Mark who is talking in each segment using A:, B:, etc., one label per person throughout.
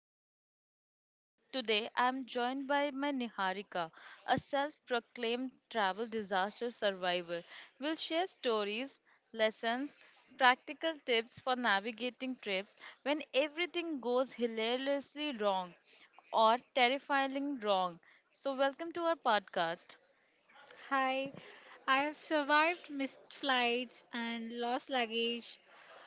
A: I'm Neha, and today I'm joined by my Niharika, a self proclaimed travel disaster survivor. We'll share stories, lessons, practical tips for navigating trips when everything goes hilariously wrong or terrifyingly wrong. So, welcome to our podcast.
B: Hi, I have survived missed flights and lost luggage,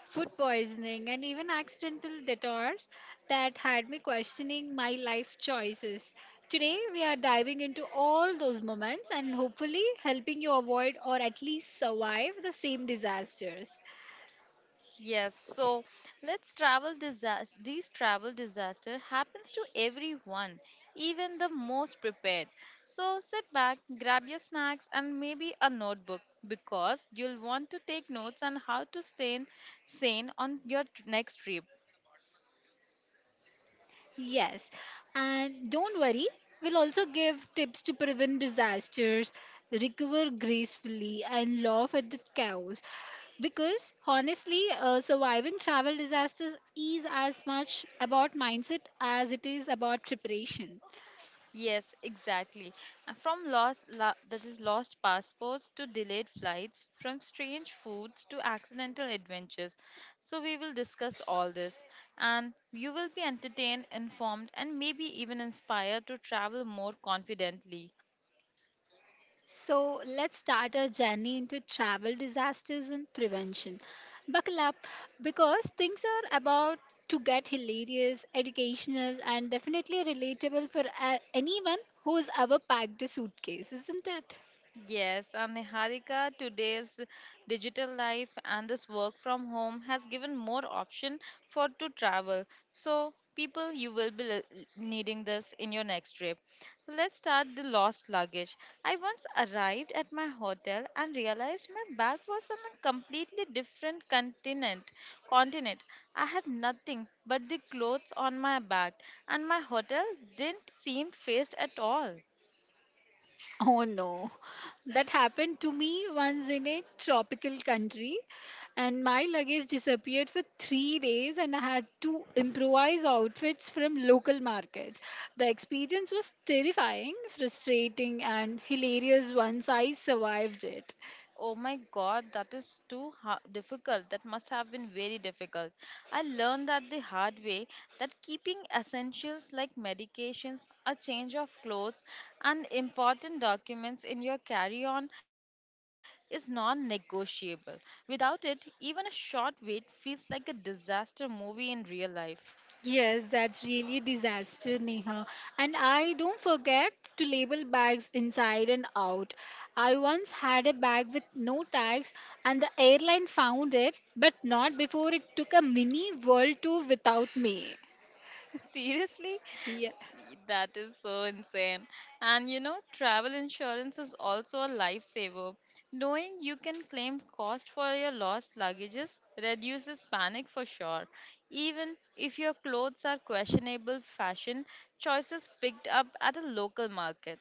B: food poisoning, and even accidental detours that had me questioning my life choices. Today, we are diving into all those moments and hopefully helping you avoid or at least survive the same disasters.
A: Yes, so let's travel disaster. These travel disaster happens to everyone, even the most prepared. So sit back, grab your snacks and maybe a notebook because you'll want to take notes on how to stay sane on your next trip.
B: Yes, and don't worry, we'll also give tips to prevent disasters, recover gracefully, and laugh at the chaos. Because honestly, surviving travel disasters is as much about mindset as it is about preparation.
A: Yes, exactly. And that is, lost passports to delayed flights, from strange foods to accidental adventures. So we will discuss all this and you will be entertained, informed and maybe even inspired to travel more confidently.
B: So let's start our journey into travel disasters and prevention. Buckle up because things are about to get hilarious, educational, and definitely relatable for anyone who's ever packed a suitcase, isn't it?
A: Yes, and Niharika, today's digital life and this work from home has given more option for to travel. So, people, you will be needing this in your next trip. Let's start the lost luggage. I once arrived at my hotel and realized my bag was on a completely different continent. Continent. I had nothing but the clothes on my back, and my hotel didn't seem faced at all.
B: Oh no, that happened to me once in a tropical country, and my luggage disappeared for 3 days, and I had to improvise outfits from local markets. The experience was terrifying, frustrating, and hilarious once I survived it.
A: Oh my God, that is too ha- difficult. That must have been very difficult. I learned that the hard way that keeping essentials like medications, a change of clothes, and important documents in your carry on is non negotiable. Without it, even a short wait feels like a disaster movie in real life.
B: Yes, that's really disaster, Neha. And I don't forget to label bags inside and out. I once had a bag with no tags, and the airline found it, but not before it took a mini world tour without me.
A: Seriously?
B: Yeah.
A: That is so insane. And you know, travel insurance is also a lifesaver. Knowing you can claim cost for your lost luggages reduces panic for sure. Even if your clothes are questionable fashion choices picked up at a local market.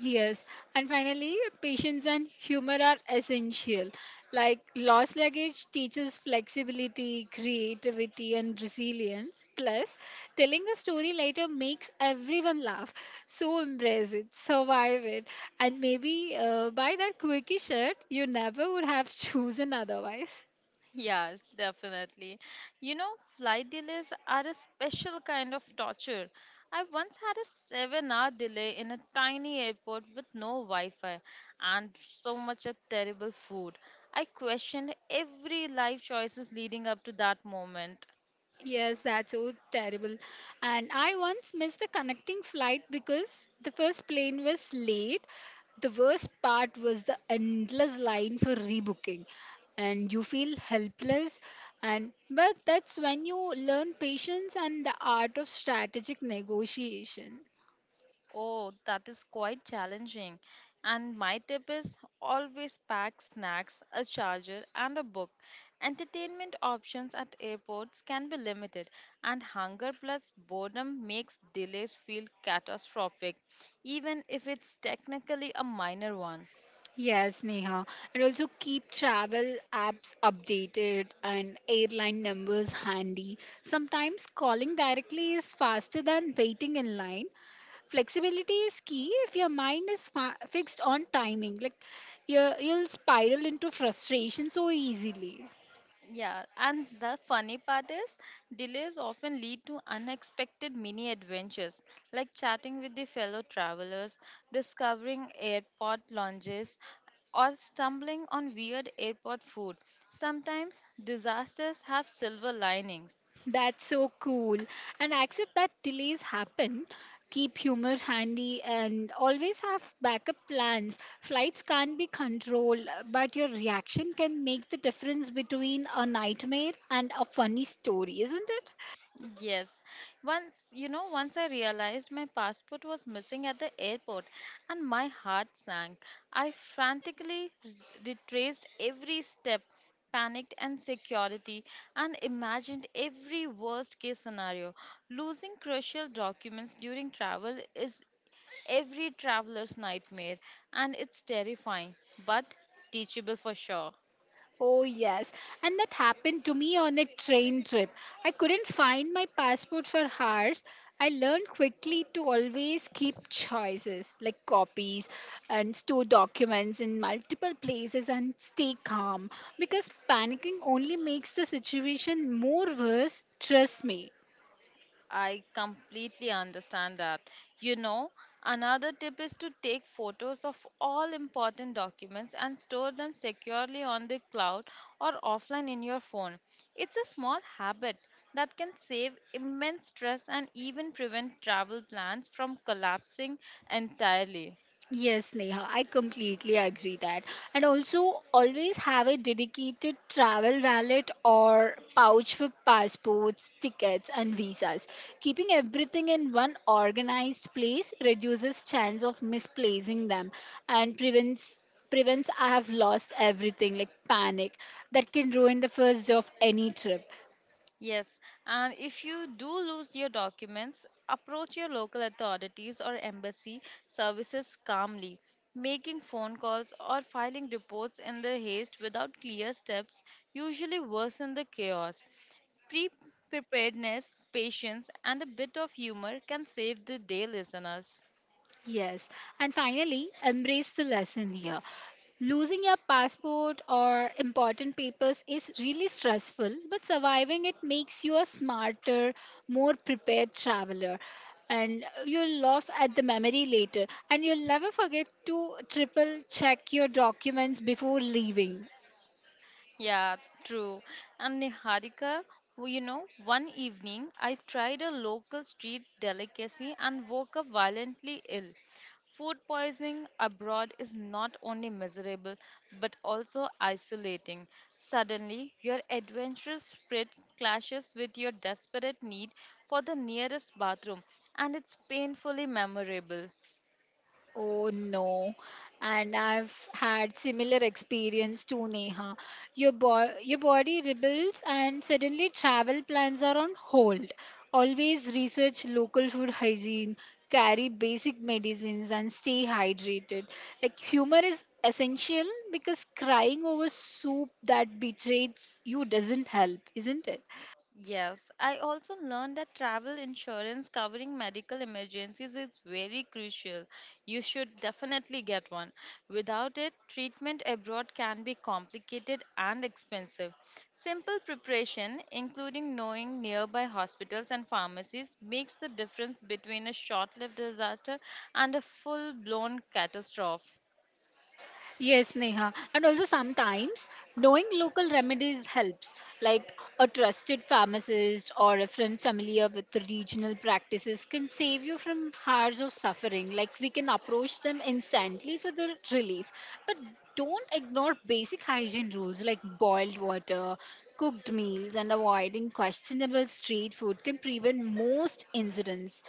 B: Yes, and finally, patience and humor are essential. Like lost luggage teaches flexibility, creativity, and resilience. Plus, telling a story later makes everyone laugh. So embrace it, survive it, and maybe buy that quickie shirt you never would have chosen otherwise.
A: Yes, definitely. You know, flight delays are a special kind of torture. I once had a 7 hour delay in a tiny airport with no Wi Fi and so much of terrible food. I questioned every life choices leading up to that moment.
B: Yes, that's so terrible. And I once missed a connecting flight because the first plane was late. The worst part was the endless line for rebooking. And you feel helpless and but that's when you learn patience and the art of strategic negotiation.
A: Oh, that is quite challenging. And my tip is always pack snacks, a charger, and a book. Entertainment options at airports can be limited, and hunger plus boredom makes delays feel catastrophic, even if it's technically a minor one.
B: Yes, Neha. And also keep travel apps updated and airline numbers handy. Sometimes calling directly is faster than waiting in line. Flexibility is key if your mind is fixed on timing, like you'll spiral into frustration so easily.
A: Yeah, and the funny part is, delays often lead to unexpected mini adventures, like chatting with the fellow travelers, discovering airport lounges, or stumbling on weird airport food. Sometimes disasters have silver linings.
B: That's so cool, and accept that delays happen, keep humor handy and always have backup plans. Flights can't be controlled, but your reaction can make the difference between a nightmare and a funny story, isn't it?
A: Yes. Once, once I realized my passport was missing at the airport and my heart sank. I frantically retraced every step, panicked and security, and imagined every worst case scenario. Losing crucial documents during travel is every traveler's nightmare and it's terrifying, but teachable for sure.
B: Oh, yes. And that happened to me on a train trip. I couldn't find my passport for hours. I learned quickly to always keep choices like copies and store documents in multiple places and stay calm because panicking only makes the situation more worse. Trust me.
A: I completely understand that. You know, another tip is to take photos of all important documents and store them securely on the cloud or offline in your phone. It's a small habit that can save immense stress and even prevent travel plans from collapsing entirely.
B: Yes, Neha, I completely agree that. And also, always have a dedicated travel wallet or pouch for passports, tickets, and visas. Keeping everything in one organized place reduces chance of misplacing them and prevents I have lost everything like panic that can ruin the first day of any trip.
A: Yes, and if you do lose your documents, approach your local authorities or embassy services calmly. Making phone calls or filing reports in the haste without clear steps usually worsen the chaos. Pre Preparedness, patience, and a bit of humor can save the day, listeners.
B: Yes, and finally, embrace the lesson here. Losing your passport or important papers is really stressful, but surviving it makes you a smarter, more prepared traveler. And you'll laugh at the memory later, and you'll never forget to triple check your documents before leaving.
A: Yeah, true. And Niharika, you know, one evening I tried a local street delicacy and woke up violently ill. Food poisoning abroad is not only miserable but also isolating. Suddenly, your adventurous spirit clashes with your desperate need for the nearest bathroom, and it's painfully memorable.
B: Oh no. And I've had similar experience too, Neha. Your your body rebels and suddenly travel plans are on hold. Always research local food hygiene, carry basic medicines and stay hydrated. Like humor is essential because crying over soup that betrayed you doesn't help, isn't it?
A: Yes, I also learned that travel insurance covering medical emergencies is very crucial. You should definitely get one. Without it, treatment abroad can be complicated and expensive. Simple preparation, including knowing nearby hospitals and pharmacies, makes the difference between a short lived disaster and a full blown catastrophe.
B: Yes, Neha. And also sometimes knowing local remedies helps, like a trusted pharmacist or a friend familiar with the regional practices can save you from hours of suffering. Like we can approach them instantly for the relief. But don't ignore basic hygiene rules like boiled water, cooked meals, and avoiding questionable street food can prevent most incidents.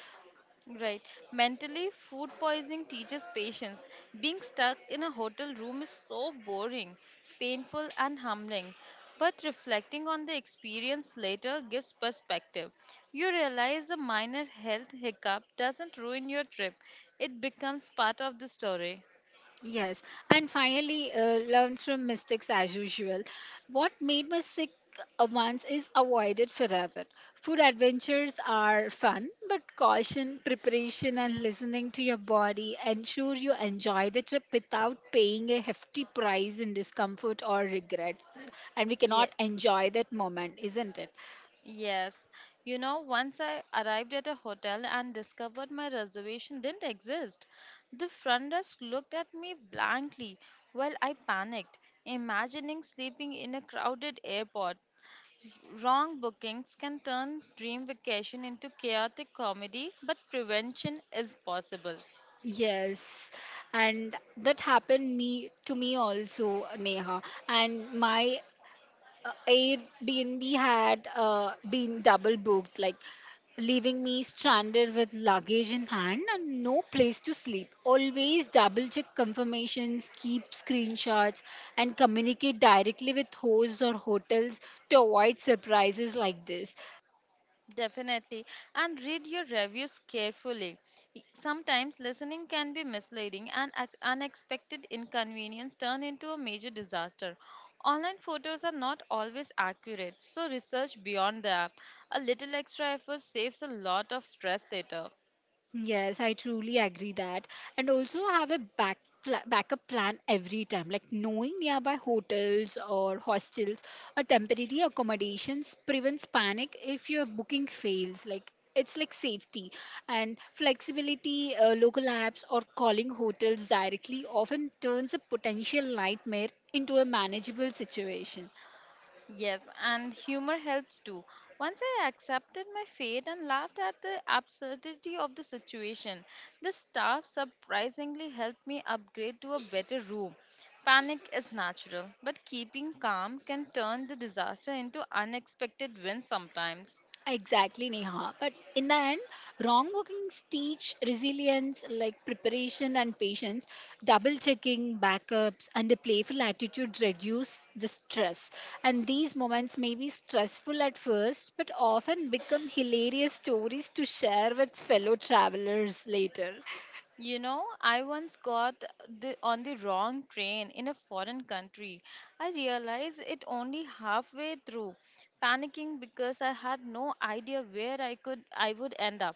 A: Right. Mentally, food poisoning teaches patience. Being stuck in a hotel room is so boring, painful, and humbling. But reflecting on the experience later gives perspective. You realize a minor health hiccup doesn't ruin your trip, it becomes part of the story.
B: Yes, and finally, learn from mistakes as usual. What made me sick once is avoided forever. Food adventures are fun, but caution, preparation, and listening to your body ensure you enjoy the trip without paying a hefty price in discomfort or regret. And we
A: Yeah.
B: cannot enjoy that moment, isn't it?
A: Yes, you know, once I arrived at a hotel and discovered my reservation didn't exist. The front desk looked at me blankly while I panicked, imagining sleeping in a crowded airport. Wrong bookings can turn dream vacation into chaotic comedy, but prevention is possible.
B: Yes, and that happened me to me also, Neha. And my Airbnb had been double booked, like leaving me stranded with luggage in hand and no place to sleep. Always double check confirmations, keep screenshots, and communicate directly with hosts or hotels to avoid surprises like this.
A: Definitely. And read your reviews carefully. Sometimes listening can be misleading and unexpected inconvenience turn into a major disaster. Online photos are not always accurate, so research beyond the app. A little extra effort saves a lot of stress later.
B: Yes, I truly agree that. And also have a backup plan every time, like knowing nearby hotels or hostels or temporary accommodations prevents panic if your booking fails. Like it's like safety and flexibility. Local apps or calling hotels directly often turns a potential nightmare into a manageable situation.
A: Yes, and humor helps too. Once I accepted my fate and laughed at the absurdity of the situation, the staff surprisingly helped me upgrade to a better room. Panic is natural, but keeping calm can turn the disaster into unexpected wins sometimes.
B: Exactly, Neha. But in the end, wrong walkings teach resilience, like preparation and patience. Double checking, backups, and a playful attitude reduce the stress. And these moments may be stressful at first, but often become hilarious stories to share with fellow travelers later.
A: You know, I once got the, on the wrong train in a foreign country. I realized it only halfway through, panicking because I had no idea where I would end up.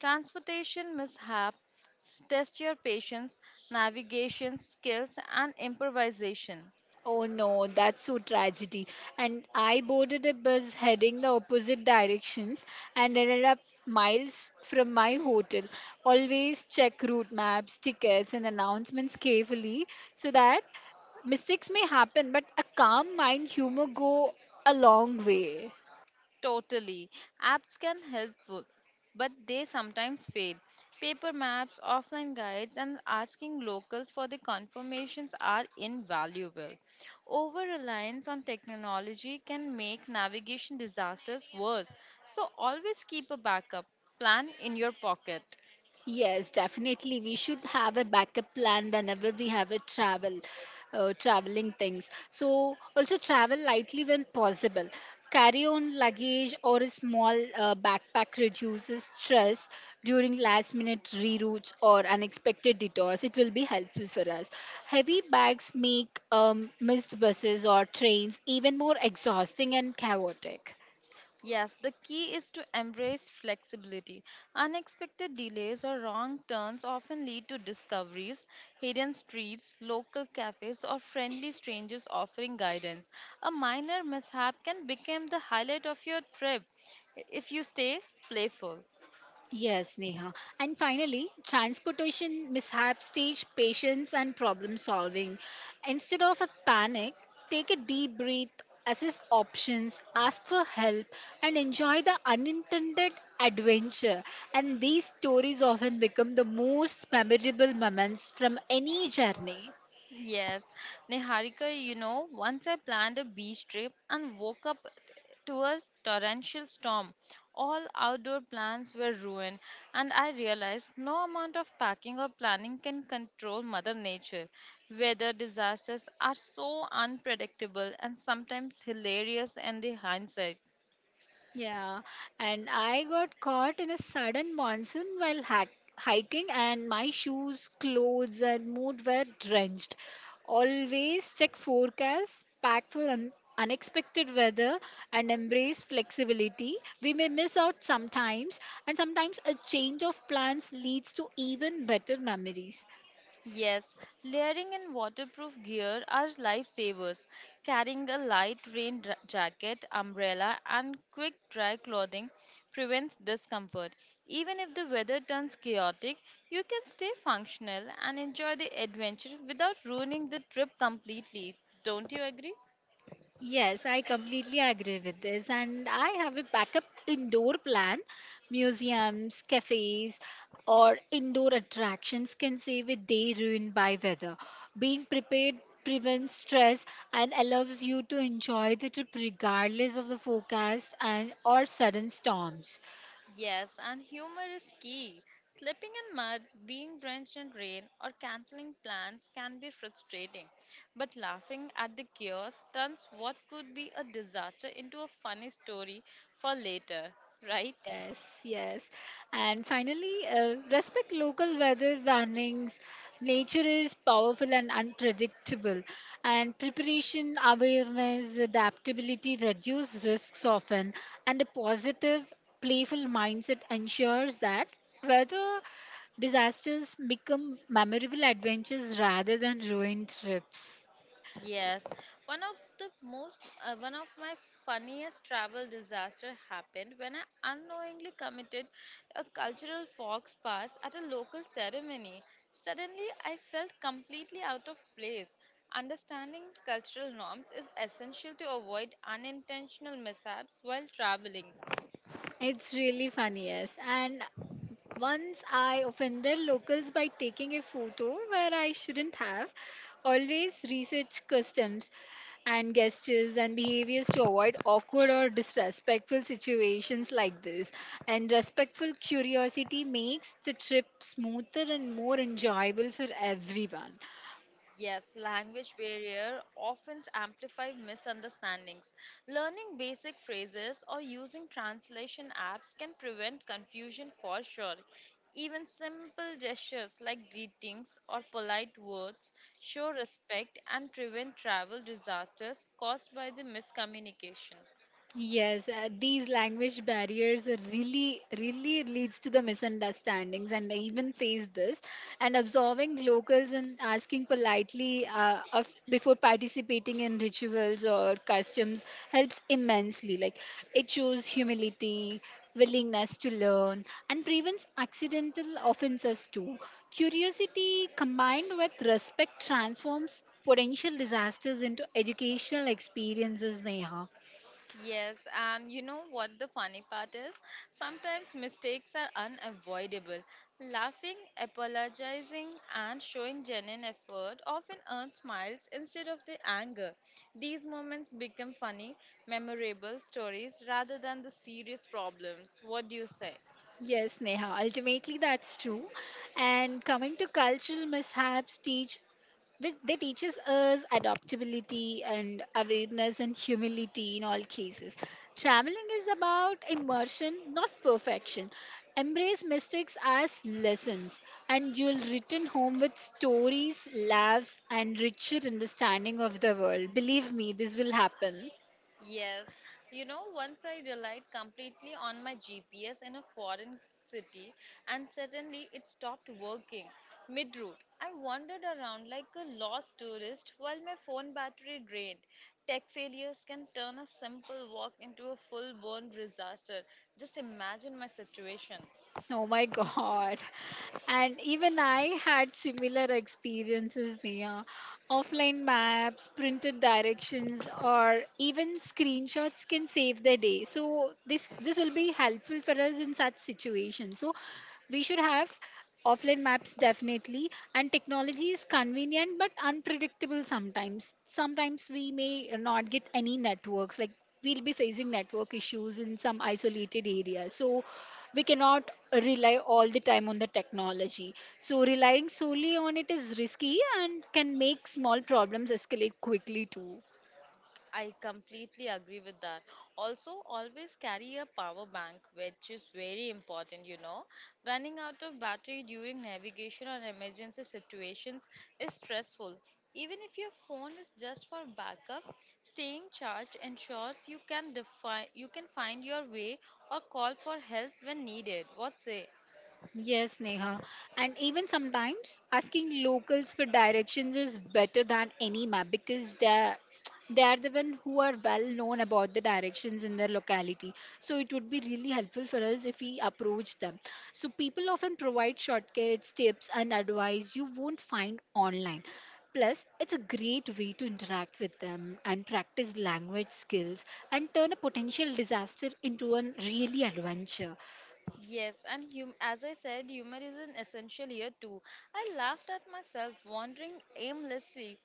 A: Transportation test your patience, navigation skills, and improvisation.
B: Oh no, that's so tragedy. And I boarded a bus heading the opposite direction and ended up miles from my hotel. Always check route maps, tickets, and announcements carefully so that mistakes may happen, but a calm mind humor go a long way.
A: Totally. Apps can help, but they sometimes fail. Paper maps, offline guides, and asking locals for the confirmations are invaluable. Over reliance on technology can make navigation disasters worse, so always keep a backup plan in your pocket.
B: Yes, definitely. We should have a backup plan whenever we have a travel, traveling things. So also travel lightly when possible. Carry on luggage or a small backpack reduces stress during last minute reroutes or unexpected detours. It will be helpful for us. Heavy bags make missed buses or trains even more exhausting and chaotic.
A: Yes, the key is to embrace flexibility. Unexpected delays or wrong turns often lead to discoveries, hidden streets, local cafes, or friendly strangers offering guidance. A minor mishap can become the highlight of your trip if you stay playful.
B: Yes, Neha. And finally, transportation mishaps teach patience and problem solving. Instead of a panic, take a deep breath, assess options, ask for help, and enjoy the unintended adventure. And these stories often become the most memorable moments from any journey.
A: Yes, Niharika, you know, once I planned a beach trip and woke up to a torrential storm. All outdoor plans were ruined, and I realized no amount of packing or planning can control Mother Nature. Weather disasters are so unpredictable and sometimes hilarious in the hindsight.
B: Yeah, and I got caught in a sudden monsoon while hiking, and my shoes, clothes, and mood were drenched. Always check forecasts, pack for unexpected weather, and embrace flexibility. We may miss out sometimes, and sometimes a change of plans leads to even better memories.
A: Yes, layering and waterproof gear are lifesavers. Carrying a light jacket, umbrella, and quick dry clothing prevents discomfort. Even if the weather turns chaotic, you can stay functional and enjoy the adventure without ruining the trip completely. Don't you agree?
B: Yes, I completely agree with this. And I have a backup indoor plan. Museums, cafes, or indoor attractions can save a day ruined by weather. Being prepared prevents stress and allows you to enjoy the trip regardless of the forecast and or sudden storms.
A: Yes, and humor is key. Slipping in mud, being drenched in rain, or canceling plans can be frustrating. But laughing at the chaos turns what could be a disaster into a funny story for later, right?
B: Yes, yes. And finally, respect local weather warnings. Nature is powerful and unpredictable, and preparation, awareness, adaptability reduce risks often, and a positive, playful mindset ensures that weather disasters become memorable adventures rather than ruined trips.
A: Yes, one of the most, one of my funniest travel disaster happened when I unknowingly committed a cultural fox pass at a local ceremony. Suddenly, I felt completely out of place. Understanding cultural norms is essential to avoid unintentional mishaps while traveling.
B: It's really funny, yes. And once I offended locals by taking a photo where I shouldn't have. Always research customs and gestures and behaviors to avoid awkward or disrespectful situations like this. And respectful curiosity makes the trip smoother and more enjoyable for everyone.
A: Yes, language barrier often amplify misunderstandings. Learning basic phrases or using translation apps can prevent confusion for sure. Even simple gestures like greetings or polite words show respect and prevent travel disasters caused by the miscommunication.
B: Yes, these language barriers are really, really leads to the misunderstandings, and I even face this. And absorbing locals and asking politely before participating in rituals or customs helps immensely. Like it shows humility, willingness to learn, and prevents accidental offenses too. Curiosity combined with respect transforms potential disasters into educational experiences, Neha.
A: Yes, and you know what the funny part is? Sometimes mistakes are unavoidable. Laughing, apologizing, and showing genuine effort often earn smiles instead of the anger. These moments become funny, memorable stories rather than the serious problems. What do you say?
B: Yes, Neha, ultimately that's true. And coming to cultural mishaps, teach which they teaches us adaptability and awareness and humility in all cases. Traveling is about immersion, not perfection. Embrace mistakes as lessons, and you'll return home with stories, laughs, and richer understanding of the world. Believe me, this will happen.
A: Yes, you know, once I relied completely on my GPS in a foreign city and suddenly it stopped working mid route. I wandered around like a lost tourist while my phone battery drained. Tech failures can turn a simple walk into a full blown disaster. Just imagine my situation.
B: Oh my God. And even I had similar experiences, Nia. Offline maps, printed directions, or even screenshots can save the day. So this will be helpful for us in such situations. So we should have offline maps, definitely, and technology is convenient but unpredictable. Sometimes we may not get any networks, like we'll be facing network issues in some isolated areas, so we cannot rely all the time on the technology. So relying solely on it is risky and can make small problems escalate quickly too.
A: I completely agree with that. Also, always carry a power bank, which is very important, you know. Running out of battery during navigation or emergency situations is stressful. Even if your phone is just for backup, staying charged ensures you can find your way or call for help when needed. What say?
B: Yes, Neha. And even sometimes asking locals for directions is better than any map because they are the one who are well known about the directions in their locality, so it would be really helpful for us if we approach them. So people often provide shortcuts, tips and advice you won't find online. Plus it's a great way to interact with them and practice language skills and turn a potential disaster into a really adventure.
A: Yes, and as I said, humor is an essential here too. I laughed at myself, wandering aimlessly,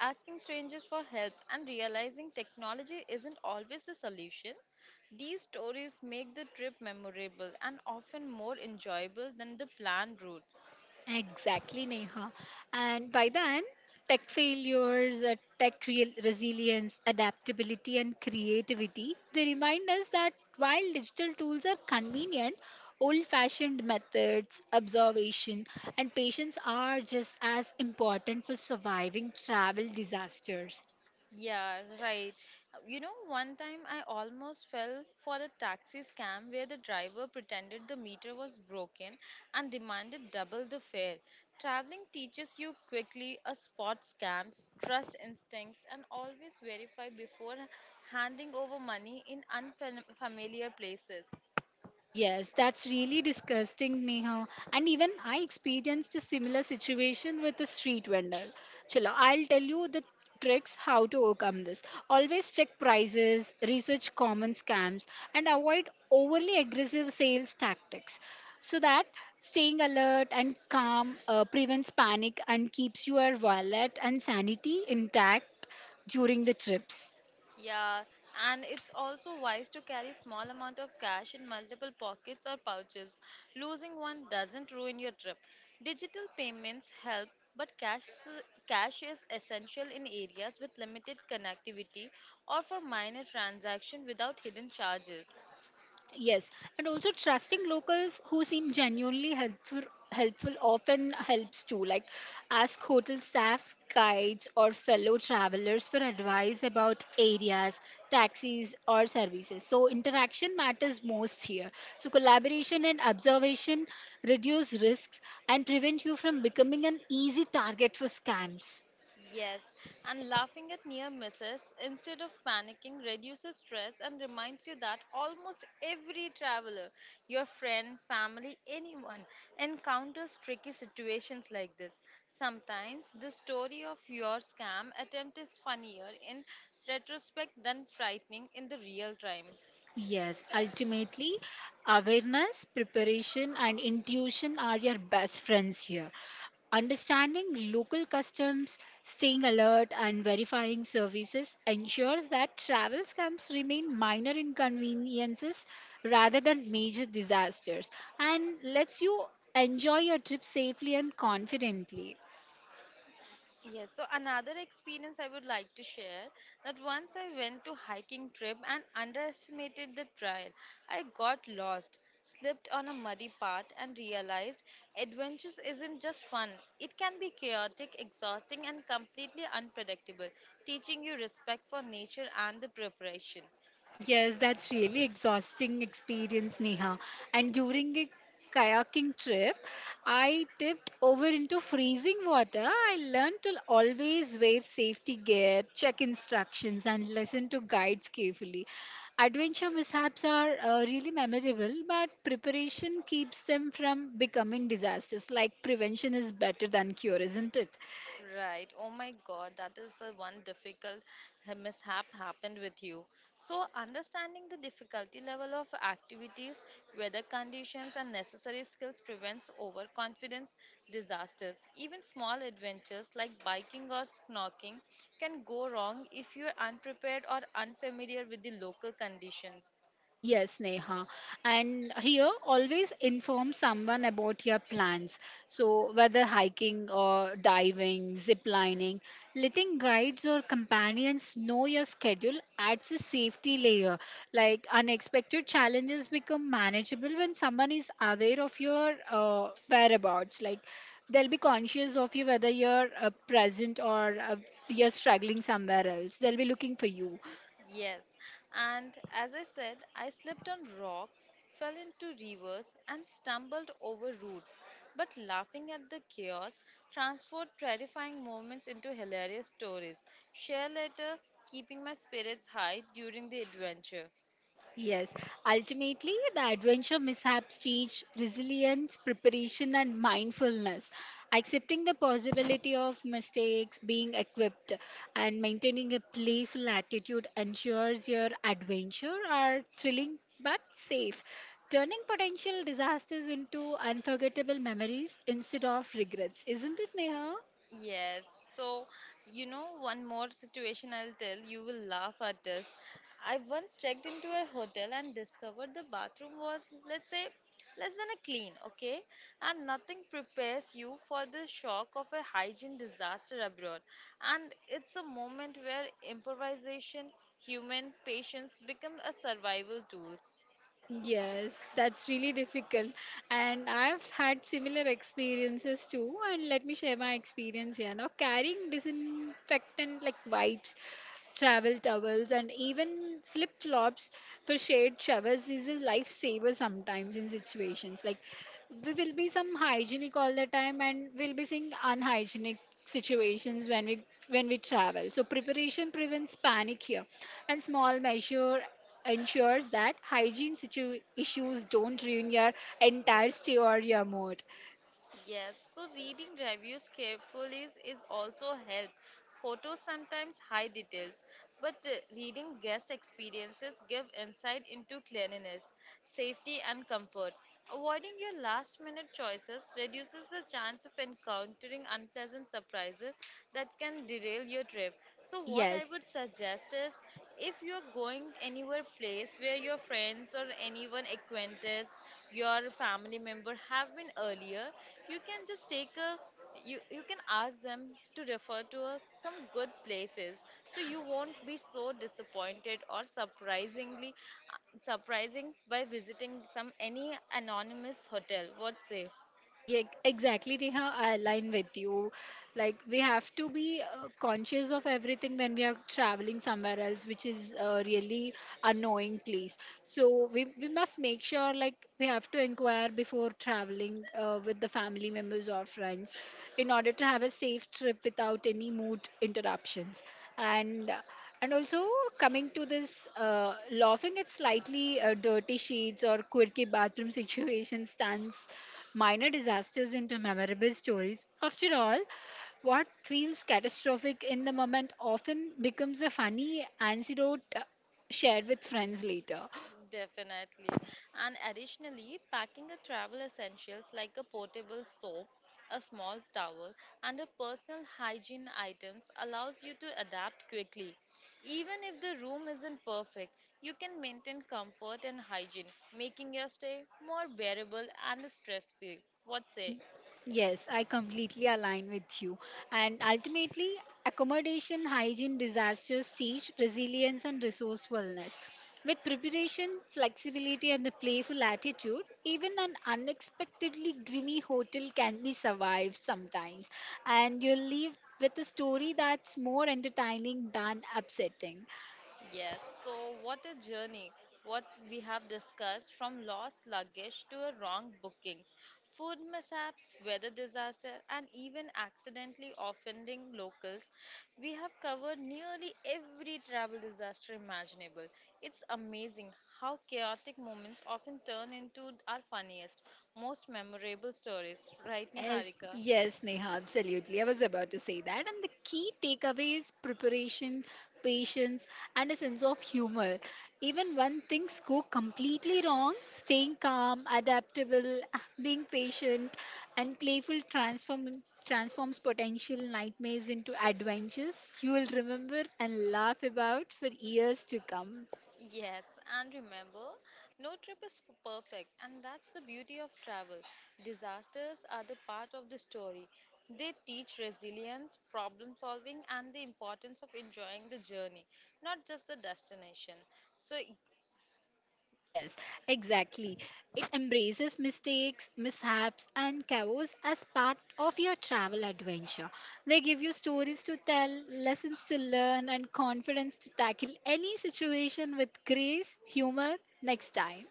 A: asking strangers for help, and realizing technology isn't always the solution. These stories make the trip memorable and often more enjoyable than the planned routes.
B: Exactly, Neha. And by then, tech failures, tech real resilience, adaptability, and creativity, they remind us that while digital tools are convenient, old fashioned methods, observation, and patience are just as important for surviving travel disasters.
A: Yeah, right. You know, one time I almost fell for a taxi scam where the driver pretended the meter was broken and demanded double the fare. Traveling teaches you quickly a spot scams, trust instincts, and always verify before handing over money in unfamiliar places.
B: Yes, that's really disgusting, Neha. And even I experienced a similar situation with a street vendor. Chalo, I'll tell you the tricks how to overcome this. Always check prices, research common scams, and avoid overly aggressive sales tactics so that staying alert and calm prevents panic and keeps your wallet and sanity intact during the trips.
A: Yeah, and it's also wise to carry small amount of cash in multiple pockets or pouches. Losing one doesn't ruin your trip. Digital payments help, but cash is essential in areas with limited connectivity or for minor transaction without hidden charges.
B: Yes, and also trusting locals who seem genuinely helpful often helps too, like ask hotel staff, guides, or fellow travelers for advice about areas, taxis, or services. So interaction matters most here, so collaboration and observation reduce risks and prevent you from becoming an easy target for scams.
A: Yes, and laughing at near misses instead of panicking reduces stress and reminds you that almost every traveler, your friend, family, anyone, encounters tricky situations like this. Sometimes the story of your scam attempt is funnier in retrospect than frightening in the real time.
B: Yes, ultimately, awareness, preparation, and intuition are your best friends here. Understanding local customs, staying alert, and verifying services ensures that travel scams remain minor inconveniences rather than major disasters, and lets you enjoy your trip safely and confidently.
A: Yes, so another experience I would like to share that once I went to hiking trip and underestimated the trail. I got lost, slipped on a muddy path and realized adventures isn't just fun. It can be chaotic, exhausting and completely unpredictable, teaching you respect for nature and the preparation.
B: Yes, that's really exhausting experience, Neha. And during a kayaking trip, I tipped over into freezing water. I learned to always wear safety gear, check instructions, and listen to guides carefully. Adventure mishaps are really memorable, but preparation keeps them from becoming disasters. Like, prevention is better than cure, isn't it?
A: Right. Oh my God, that is the one difficult mishap happened with you. So, understanding the difficulty level of activities, weather conditions, and necessary skills prevents overconfidence, disasters. Even small adventures like biking or snorkeling can go wrong if you're unprepared or unfamiliar with the local conditions.
B: Yes, Neha. And here, always inform someone about your plans. So, whether hiking or diving, zip lining, letting guides or companions know your schedule adds a safety layer. Like, unexpected challenges become manageable when someone is aware of your whereabouts. Like, they'll be conscious of you whether you're present, or you're struggling somewhere else. They'll be looking for you.
A: Yes, and as I said, I slipped on rocks, fell into rivers, and stumbled over roots. But laughing at the chaos transformed terrifying moments into hilarious stories. Share later, keeping my spirits high during the adventure.
B: Yes, ultimately, the adventure mishaps teach resilience, preparation, and mindfulness. Accepting the possibility of mistakes, being equipped, and maintaining a playful attitude ensures your adventure are thrilling but safe, turning potential disasters into unforgettable memories instead of regrets. Isn't it, Neha?
A: Yes. So, you know, one more situation I'll tell, you will laugh at this. I once checked into a hotel and discovered the bathroom was, let's say, less than a clean, okay? And nothing prepares you for the shock of a hygiene disaster abroad. And it's a moment where improvisation, human patience become a survival tools.
B: Yes, that's really difficult. And I've had similar experiences too. And let me share my experience here. Now, carrying disinfectant like wipes, travel towels, and even flip flops for shared showers is a lifesaver sometimes in situations. Like, we will be some hygienic all the time, and we'll be seeing unhygienic situations when we travel, so preparation prevents panic here, and small measure ensures that hygiene situ- issues don't ruin your entire stay or your mood.
A: Yes, so reading reviews carefully is also help. Photos sometimes hide details, but reading guest experiences give insight into cleanliness, safety, and comfort. Avoiding your last minute choices reduces the chance of encountering unpleasant surprises that can derail your trip. So, what I would
B: Yes.
A: suggest is, if you're going anywhere place where your friends or anyone acquaintance, your family member have been earlier, you can just take a you can ask them to refer to a, some good places so you won't be so disappointed or surprising by visiting some any anonymous hotel, what say?
B: Yeah, exactly, Neha. I align with you. Like, we have to be conscious of everything when we are traveling somewhere else, which is really annoying place. So, we must make sure, like, we have to inquire before traveling with the family members or friends in order to have a safe trip without any mood interruptions. And uh, And also, coming to this, laughing at slightly dirty sheets or quirky bathroom situations turns minor disasters into memorable stories. After all, what feels catastrophic in the moment often becomes a funny anecdote shared with friends later.
A: Definitely. And additionally, packing a travel essentials like a portable soap, a small towel, and a personal hygiene items allows you to adapt quickly. Even if the room isn't perfect, you can maintain comfort and hygiene, making your stay more bearable and stress-free. What
B: Y-
A: say?
B: Yes, I completely align with you. And ultimately, accommodation hygiene disasters teach resilience and resourcefulness. With preparation, flexibility, and a playful attitude, even an unexpectedly grimy hotel can be survived sometimes. And you'll leave with a story that's more entertaining than upsetting.
A: Yes, so what a journey. What we have discussed from lost luggage to a wrong bookings, food mishaps, weather disaster, and even accidentally offending locals. We have covered nearly every travel disaster imaginable. It's amazing how chaotic moments often turn into our funniest, most memorable stories, right,
B: Yes,
A: Niharika?
B: yes, Neha, absolutely. I was about to say that. And the key takeaway is preparation, patience, and a sense of humor. Even when things go completely wrong, staying calm, adaptable, being patient, and playful transforms potential nightmares into adventures you will remember and laugh about for years to come.
A: Yes, and remember, no trip is perfect, and that's the beauty of travel. Disasters are the part of the story. They teach resilience, problem solving, and the importance of enjoying the journey, not just the destination. So,
B: Yes, exactly. It embraces mistakes, mishaps, and chaos as part of your travel adventure. They give you stories to tell, lessons to learn, and confidence to tackle any situation with grace, humor, next time.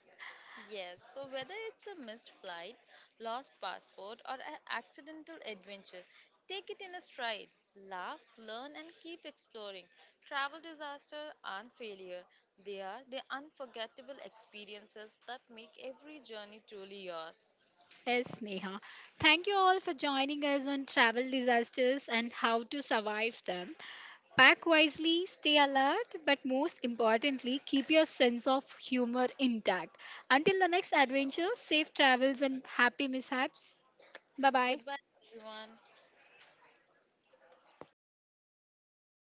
A: yes, so whether it's a missed flight, lost passport, or an accidental adventure, take it in a stride. Laugh, learn, and keep exploring. Travel disasters aren't failure, they are the unforgettable experiences that make every journey truly yours.
B: Yes, Neha. Thank you all for joining us on travel disasters and how to survive them. Pack wisely, stay alert, but most importantly, keep your sense of humor intact. Until the next adventure, safe travels and happy mishaps. Bye bye.
A: Goodbye, everyone.